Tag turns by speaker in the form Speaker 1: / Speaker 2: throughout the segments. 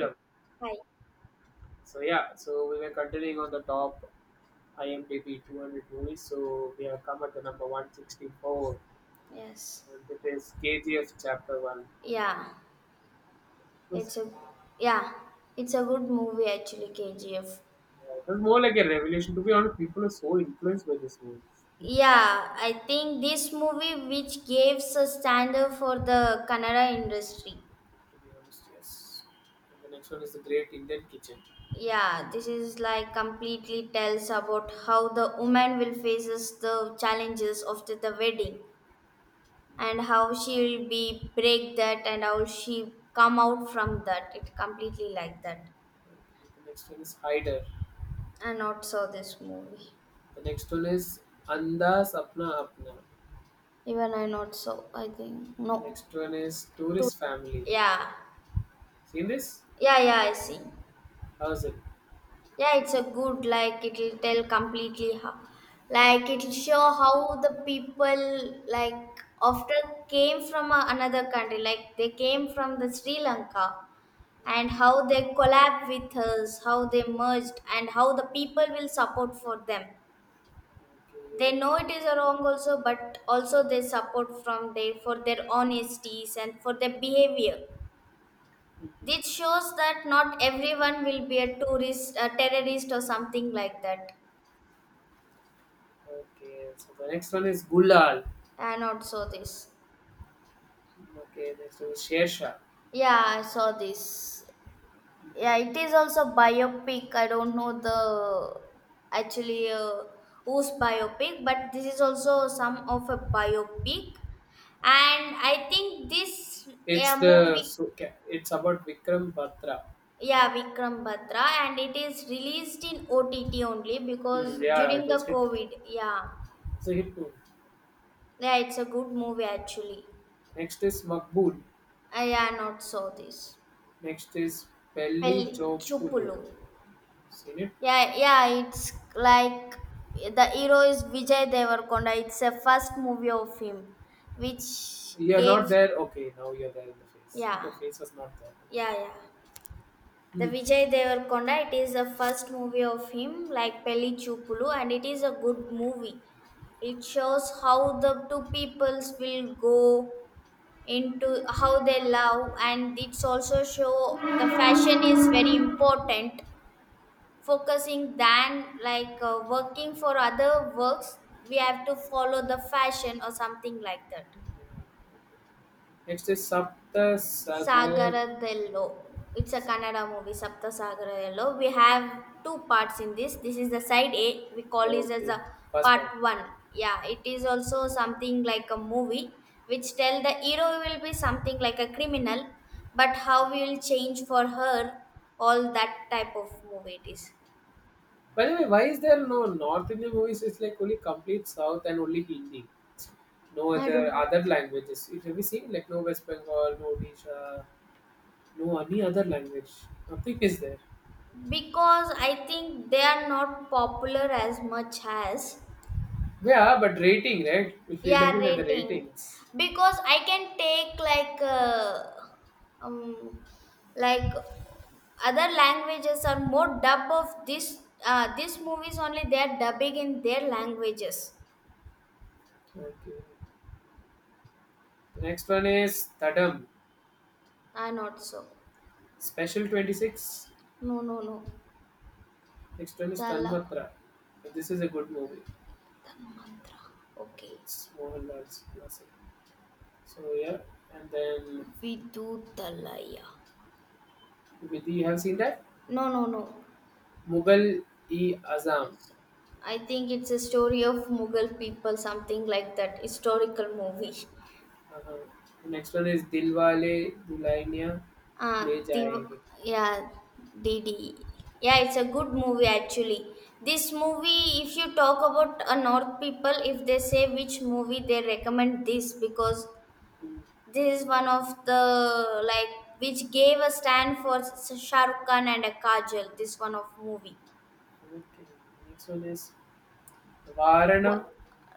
Speaker 1: Yeah. Hi.
Speaker 2: So yeah, we were continuing on the top IMDb 200 movies. So we have come at the number 164,
Speaker 1: Yes.
Speaker 2: and it is KGF Chapter One.
Speaker 1: Yeah.
Speaker 2: Was,
Speaker 1: It's a yeah. It's a good movie actually, KGF.
Speaker 2: it was more like a revelation. To be honest, people are so influenced by this movie.
Speaker 1: Yeah, I think this movie which gives a standard for the Kannada industry.
Speaker 2: To be honest, yes. And the next one is the Great Indian Kitchen.
Speaker 1: Yeah, this is like completely tells about how the woman will faces the challenges after the wedding and how she will be break that and how she come out from that. It completely like that.
Speaker 2: The next one is Hider.
Speaker 1: And not saw this movie.
Speaker 2: The next one is Andas Apna Apna.
Speaker 1: Even I not so. I think no.
Speaker 2: Next one is
Speaker 1: Too
Speaker 2: Tourist Family.
Speaker 1: yeah,
Speaker 2: Seen this?
Speaker 1: yeah, yeah. I see.
Speaker 2: How's it?
Speaker 1: Yeah, it's a good like it'll tell completely how, like it'll show how the people like after came from a, another country, like they came from the Sri Lanka, and how they collab with us, how they merged, and how the people will support for them. They
Speaker 2: Okay.
Speaker 1: know it is wrong also, but also they support from their for their honesties and for their behavior.
Speaker 2: Mhm.
Speaker 1: This shows that not everyone will be a tourist, a terrorist, or something like that.
Speaker 2: Okay, so the next one is Gulal.
Speaker 1: And also this.
Speaker 2: Okay, next one is Shersha.
Speaker 1: Yeah, I saw this. Yeah, it is also biopic. I don't know the actually whose biopic, but this is also some of a biopic. And I think this
Speaker 2: It's the
Speaker 1: movie,
Speaker 2: so ca- it's about Vikram Batra.
Speaker 1: yeah, Vikram Batra, and it is released in OTT only because
Speaker 2: Hmm, yeah, it
Speaker 1: during
Speaker 2: was
Speaker 1: the
Speaker 2: hit.
Speaker 1: COVID. Yeah,
Speaker 2: It's a hit movie.
Speaker 1: yeah, it's a good movie actually.
Speaker 2: Next is Makbul.
Speaker 1: I am not saw this.
Speaker 2: Next is Pelli
Speaker 1: Pellichupulu.
Speaker 2: Chopulu. Seen it?
Speaker 1: Yeah, yeah, it's like the hero is Vijay Devarkonda. It's the first movie of him, which
Speaker 2: You're
Speaker 1: gave
Speaker 2: not there. Okay, now you're there in the face. Your
Speaker 1: yeah,
Speaker 2: face was not there. Okay.
Speaker 1: yeah, yeah. The
Speaker 2: Hmm.
Speaker 1: Vijay Devarkonda. It is the first movie of him, like Pellichupulu, and it is a good movie. It shows how the two peoples will go into how they love, and it's also show the fashion is very important focusing than like working for other works we have to follow the fashion or something like that
Speaker 2: Next is Sapta Sagar.
Speaker 1: sagaradello. It's a Kannada movie, Sapta Sagaradello. We have two parts in this. This is the side A, we call this as
Speaker 2: Okay,
Speaker 1: a
Speaker 2: first
Speaker 1: part
Speaker 2: part.
Speaker 1: one. Yeah, it is also something like a movie which tell the hero will be something like a criminal, but how we will change for her, all that type of movie it is.
Speaker 2: By the way, why is there no North Indian movies? It's like only complete South and only Hindi. No
Speaker 1: I
Speaker 2: other
Speaker 1: do
Speaker 2: other languages. Have you seen like no West Bengal, no Odisha, no any other language? Nothing is there.
Speaker 1: because I think they are not popular as much as
Speaker 2: Yeah, but rating, right? If we're
Speaker 1: yeah
Speaker 2: looking at the
Speaker 1: rating,
Speaker 2: ratings.
Speaker 1: because I can take um like other languages are more dub of this, these movies only they are dubbing in their languages
Speaker 2: Okay. Next one is Thadam,
Speaker 1: are not so.
Speaker 2: Special 26.
Speaker 1: No, no, no.
Speaker 2: Next one is
Speaker 1: Tala
Speaker 2: Tanmatra. This is a good movie.
Speaker 1: Tanmantra, okay.
Speaker 2: It's Mohanlal's classic. So yeah, and then
Speaker 1: Vidu,
Speaker 2: Vidhi, you have seen that?
Speaker 1: no, no, no.
Speaker 2: मुगल-ए-आजम
Speaker 1: I think it's a story of Mughal people, something like that. Historical movie.
Speaker 2: uh-huh. Next one is Dilwale Dulhania
Speaker 1: Uh,
Speaker 2: Le
Speaker 1: the,
Speaker 2: Jayenge.
Speaker 1: yeah, D D, yeah, it's a good movie actually. This movie, if you talk about a North people, if they say which movie they recommend this because
Speaker 2: Mm,
Speaker 1: this is one of the like which gave a stand for Shah Rukh Khan and a Kajal. This one of movie
Speaker 2: okay. Next one is Varana
Speaker 1: wha-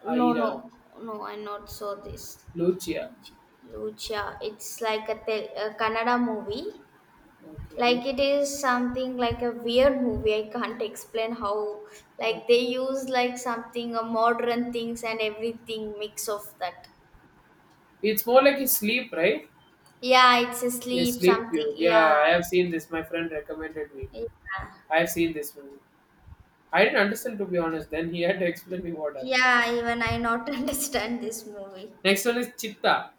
Speaker 1: no, no,
Speaker 2: Airam
Speaker 1: no, I not saw this.
Speaker 2: Lucia.
Speaker 1: Lucia, Lucia. It's like a, tel- a Kannada movie.
Speaker 2: Okay.
Speaker 1: Like it is something like a weird movie. I can't explain how. Like they
Speaker 2: Okay.
Speaker 1: use like something a modern things and everything mix of that.
Speaker 2: It's more like a sleep, right?
Speaker 1: Yeah, it's a
Speaker 2: A
Speaker 1: sleep
Speaker 2: sleep
Speaker 1: something.
Speaker 2: view. Yeah,
Speaker 1: Yeah,
Speaker 2: I have seen this. My friend recommended me.
Speaker 1: yeah,
Speaker 2: I have seen this movie. I didn't understand, to be honest. Then he had to explain me what happened.
Speaker 1: yeah. Even I not understand this movie.
Speaker 2: Next one is Chitta.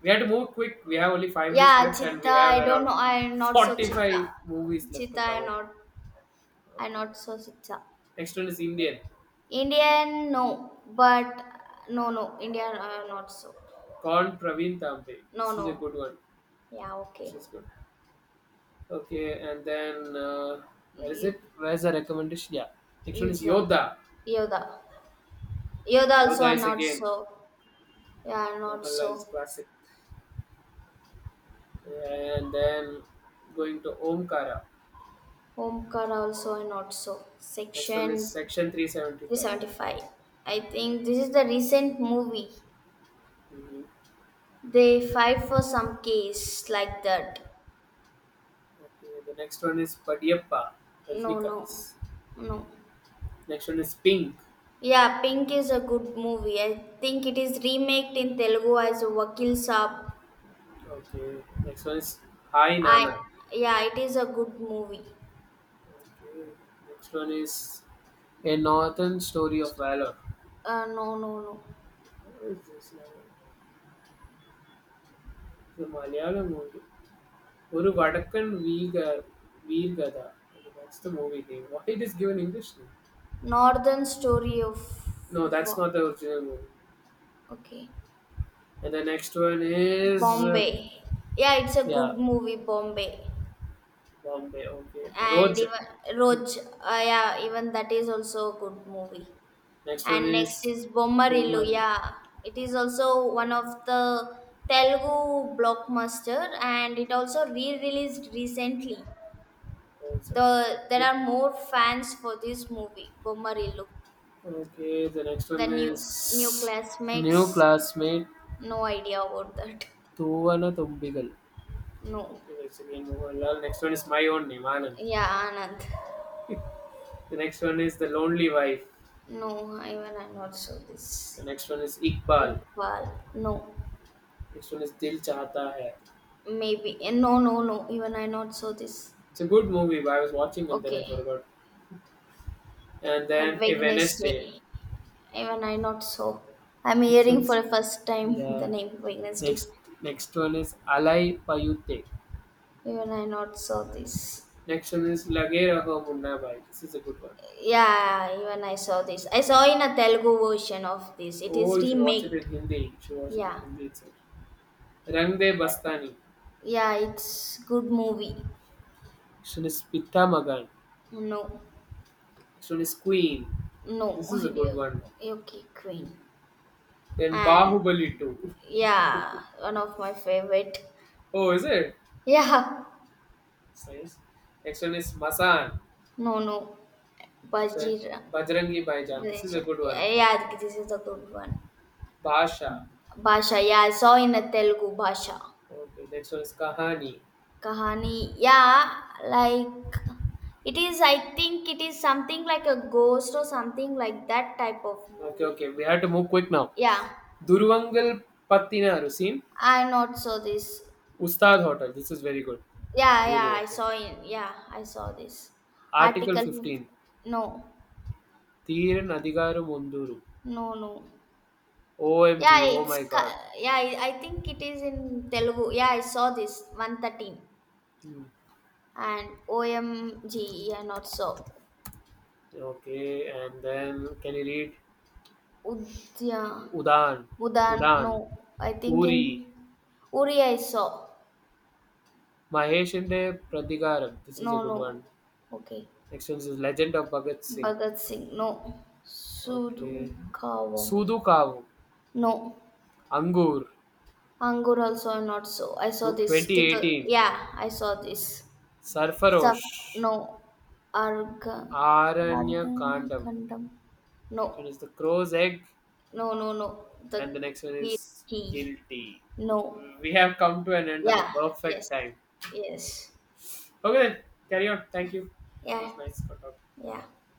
Speaker 2: We had to move quick. We have only 5 minutes
Speaker 1: Yeah,
Speaker 2: left, and
Speaker 1: Chitta.
Speaker 2: we have
Speaker 1: I don't know.
Speaker 2: around
Speaker 1: I not so Chitta.
Speaker 2: 45 movies left to
Speaker 1: Chitta, I
Speaker 2: cover.
Speaker 1: not and
Speaker 2: Okay.
Speaker 1: not so Sitsa.
Speaker 2: Next one is Indian.
Speaker 1: Indian, no, but no, no, Indian, not so.
Speaker 2: Con Praveen Tambe.
Speaker 1: No,
Speaker 2: This is a
Speaker 1: no,
Speaker 2: good one.
Speaker 1: yeah, okay.
Speaker 2: This is good. Okay, and then where is
Speaker 1: You,
Speaker 2: it? Where's the recommendation? Yeah. Next one is
Speaker 1: Yuda,
Speaker 2: Yoda.
Speaker 1: Yoda, Yoda also
Speaker 2: Yoda
Speaker 1: are
Speaker 2: is
Speaker 1: not
Speaker 2: again
Speaker 1: so. Yeah, not
Speaker 2: Mohanlal's
Speaker 1: so.
Speaker 2: classic. And then going to Omkara.
Speaker 1: Homkar also are not so.
Speaker 2: Next one is
Speaker 1: Section
Speaker 2: Section 375.
Speaker 1: 375. I think this is the recent movie.
Speaker 2: Mhm.
Speaker 1: They fight for some case like that.
Speaker 2: Okay, the next one is Padiyappa,
Speaker 1: No, no,
Speaker 2: Rajnikant's.
Speaker 1: no.
Speaker 2: Next one is Pink.
Speaker 1: Yeah, Pink is a good movie. I think it is remade in Telugu as Vakil Saab.
Speaker 2: Okay. Next one is Hi
Speaker 1: I
Speaker 2: Nana.
Speaker 1: yeah, it is a good movie.
Speaker 2: Okay. Next one is A Northern Story of Valor.
Speaker 1: No, no, no.
Speaker 2: What is this now? The Malayalam movie. Oru Vadakkan Veergatha. Okay, that's the movie name. Why it is given English name?
Speaker 1: Northern Story of
Speaker 2: No, that's
Speaker 1: wa-
Speaker 2: not the original movie.
Speaker 1: okay.
Speaker 2: And the next one is
Speaker 1: Bombay. Yeah, it's a good
Speaker 2: yeah,
Speaker 1: movie, Bombay.
Speaker 2: Bombay. Okay,
Speaker 1: And
Speaker 2: Roads.
Speaker 1: even Roj, yeah, even that is also a good movie.
Speaker 2: Next one
Speaker 1: And next
Speaker 2: is
Speaker 1: is Bommarillu.
Speaker 2: Boomerang.
Speaker 1: Yeah, it is also one of the Telugu blockbuster, and it also re-released recently.
Speaker 2: That's it.
Speaker 1: The there
Speaker 2: It-
Speaker 1: are more fans for this movie Bommarillu.
Speaker 2: Okay, the next
Speaker 1: The
Speaker 2: one
Speaker 1: new
Speaker 2: is
Speaker 1: new
Speaker 2: new
Speaker 1: classmates,
Speaker 2: classmate
Speaker 1: no idea about that.
Speaker 2: Thuvana Thumbigal.
Speaker 1: No,
Speaker 2: Okay, that's again Mohanlal. Next one is my own name, Anand.
Speaker 1: yeah, Anand.
Speaker 2: The next one is the lonely wife.
Speaker 1: No, even I not saw
Speaker 2: The
Speaker 1: this.
Speaker 2: next one is Iqbal.
Speaker 1: Iqbal, no,
Speaker 2: Next one is Dil Chahta Hai.
Speaker 1: maybe no, no, no. Even I not saw this.
Speaker 2: It's a good movie, but I was watching and then I
Speaker 1: Okay,
Speaker 2: forgot. And
Speaker 1: have
Speaker 2: then a Wednesday.
Speaker 1: Wednesday. Even I not so. I'm
Speaker 2: Next
Speaker 1: hearing
Speaker 2: one's
Speaker 1: for the first time the
Speaker 2: yeah.
Speaker 1: name Wednesday.
Speaker 2: Next next one is Alai Payute.
Speaker 1: Even I not saw this.
Speaker 2: Next one is Lage Raho Munna Bhai. This is a good one.
Speaker 1: Yeah, even I saw this. I saw in a Telugu version of this. It
Speaker 2: Oh,
Speaker 1: is
Speaker 2: you should watch it
Speaker 1: remade.
Speaker 2: in Hindi. You should watch it in
Speaker 1: Yeah,
Speaker 2: Hindi itself. Rangde Bastani.
Speaker 1: yeah, it's good movie.
Speaker 2: Shouldn't Pitta Magan.
Speaker 1: No,
Speaker 2: Shouldn't Queen. This
Speaker 1: no
Speaker 2: is a good
Speaker 1: idea.
Speaker 2: one.
Speaker 1: Okay, Queen.
Speaker 2: Then
Speaker 1: And
Speaker 2: Bahubali 2.
Speaker 1: yeah, one of my favorite.
Speaker 2: Oh, is it?
Speaker 1: Yeah,
Speaker 2: It's nice. Next one is Masan.
Speaker 1: no, no,
Speaker 2: So
Speaker 1: Bajira.
Speaker 2: Bajrangi Bhaijaan. This is a
Speaker 1: Bajira.
Speaker 2: good one.
Speaker 1: Yeah, yeah, this is a good one.
Speaker 2: Basha.
Speaker 1: Bhasha, yeah, I saw in a Telugu Bhasha.
Speaker 2: Okay, next one is Kahani.
Speaker 1: Kahani, yeah, like it is, I think it is something like a ghost or something like that type of
Speaker 2: Okay,
Speaker 1: movie.
Speaker 2: okay. We have to move quick now.
Speaker 1: Yeah,
Speaker 2: Duruvangal Pattinaru scene.
Speaker 1: I not saw this.
Speaker 2: Ustad Hotel. This is very good.
Speaker 1: Yeah,
Speaker 2: Really
Speaker 1: yeah, I
Speaker 2: like it.
Speaker 1: saw in, yeah, I saw this.
Speaker 2: Article
Speaker 1: Article,
Speaker 2: 15.
Speaker 1: 50 no,
Speaker 2: Thiran Adigaram Unduru.
Speaker 1: no, no. Yeah,
Speaker 2: OMG, oh
Speaker 1: it's,
Speaker 2: my
Speaker 1: ca-
Speaker 2: god.
Speaker 1: yeah, I think it is in Telugu. Yeah, I saw this, 113.
Speaker 2: Hmm.
Speaker 1: And OMG, yeah, not so.
Speaker 2: Okay, and then can you read
Speaker 1: Udya.
Speaker 2: Udan,
Speaker 1: Budan, no.
Speaker 2: Udan,
Speaker 1: I think in
Speaker 2: Uri,
Speaker 1: Uri I saw.
Speaker 2: Mahesh Inde Pratikaram. This is a
Speaker 1: No,
Speaker 2: good one.
Speaker 1: no. Okay.
Speaker 2: Next one is Legend of Bhagat Singh.
Speaker 1: Bhagat Singh, no.
Speaker 2: Okay.
Speaker 1: Sudukawa,
Speaker 2: Sudu Kavu,
Speaker 1: no.
Speaker 2: Angur,
Speaker 1: Angur also I not so. I saw this. To the,
Speaker 2: 2018,
Speaker 1: yeah, I saw this. Stuff,
Speaker 2: Sarfarosh,
Speaker 1: no. Arga,
Speaker 2: Aranya
Speaker 1: Argana
Speaker 2: Kandam.
Speaker 1: Kandam, no.
Speaker 2: Next one is The Crow's Egg,
Speaker 1: No, no, no. The
Speaker 2: and the next one is
Speaker 1: key,
Speaker 2: Guilty.
Speaker 1: no.
Speaker 2: We have come to an end at the
Speaker 1: Yeah, yes,
Speaker 2: perfect time.
Speaker 1: yes.
Speaker 2: Okay, then carry on. Thank you. It
Speaker 1: Yeah,
Speaker 2: was nice. For Bye
Speaker 1: yeah.
Speaker 2: bye.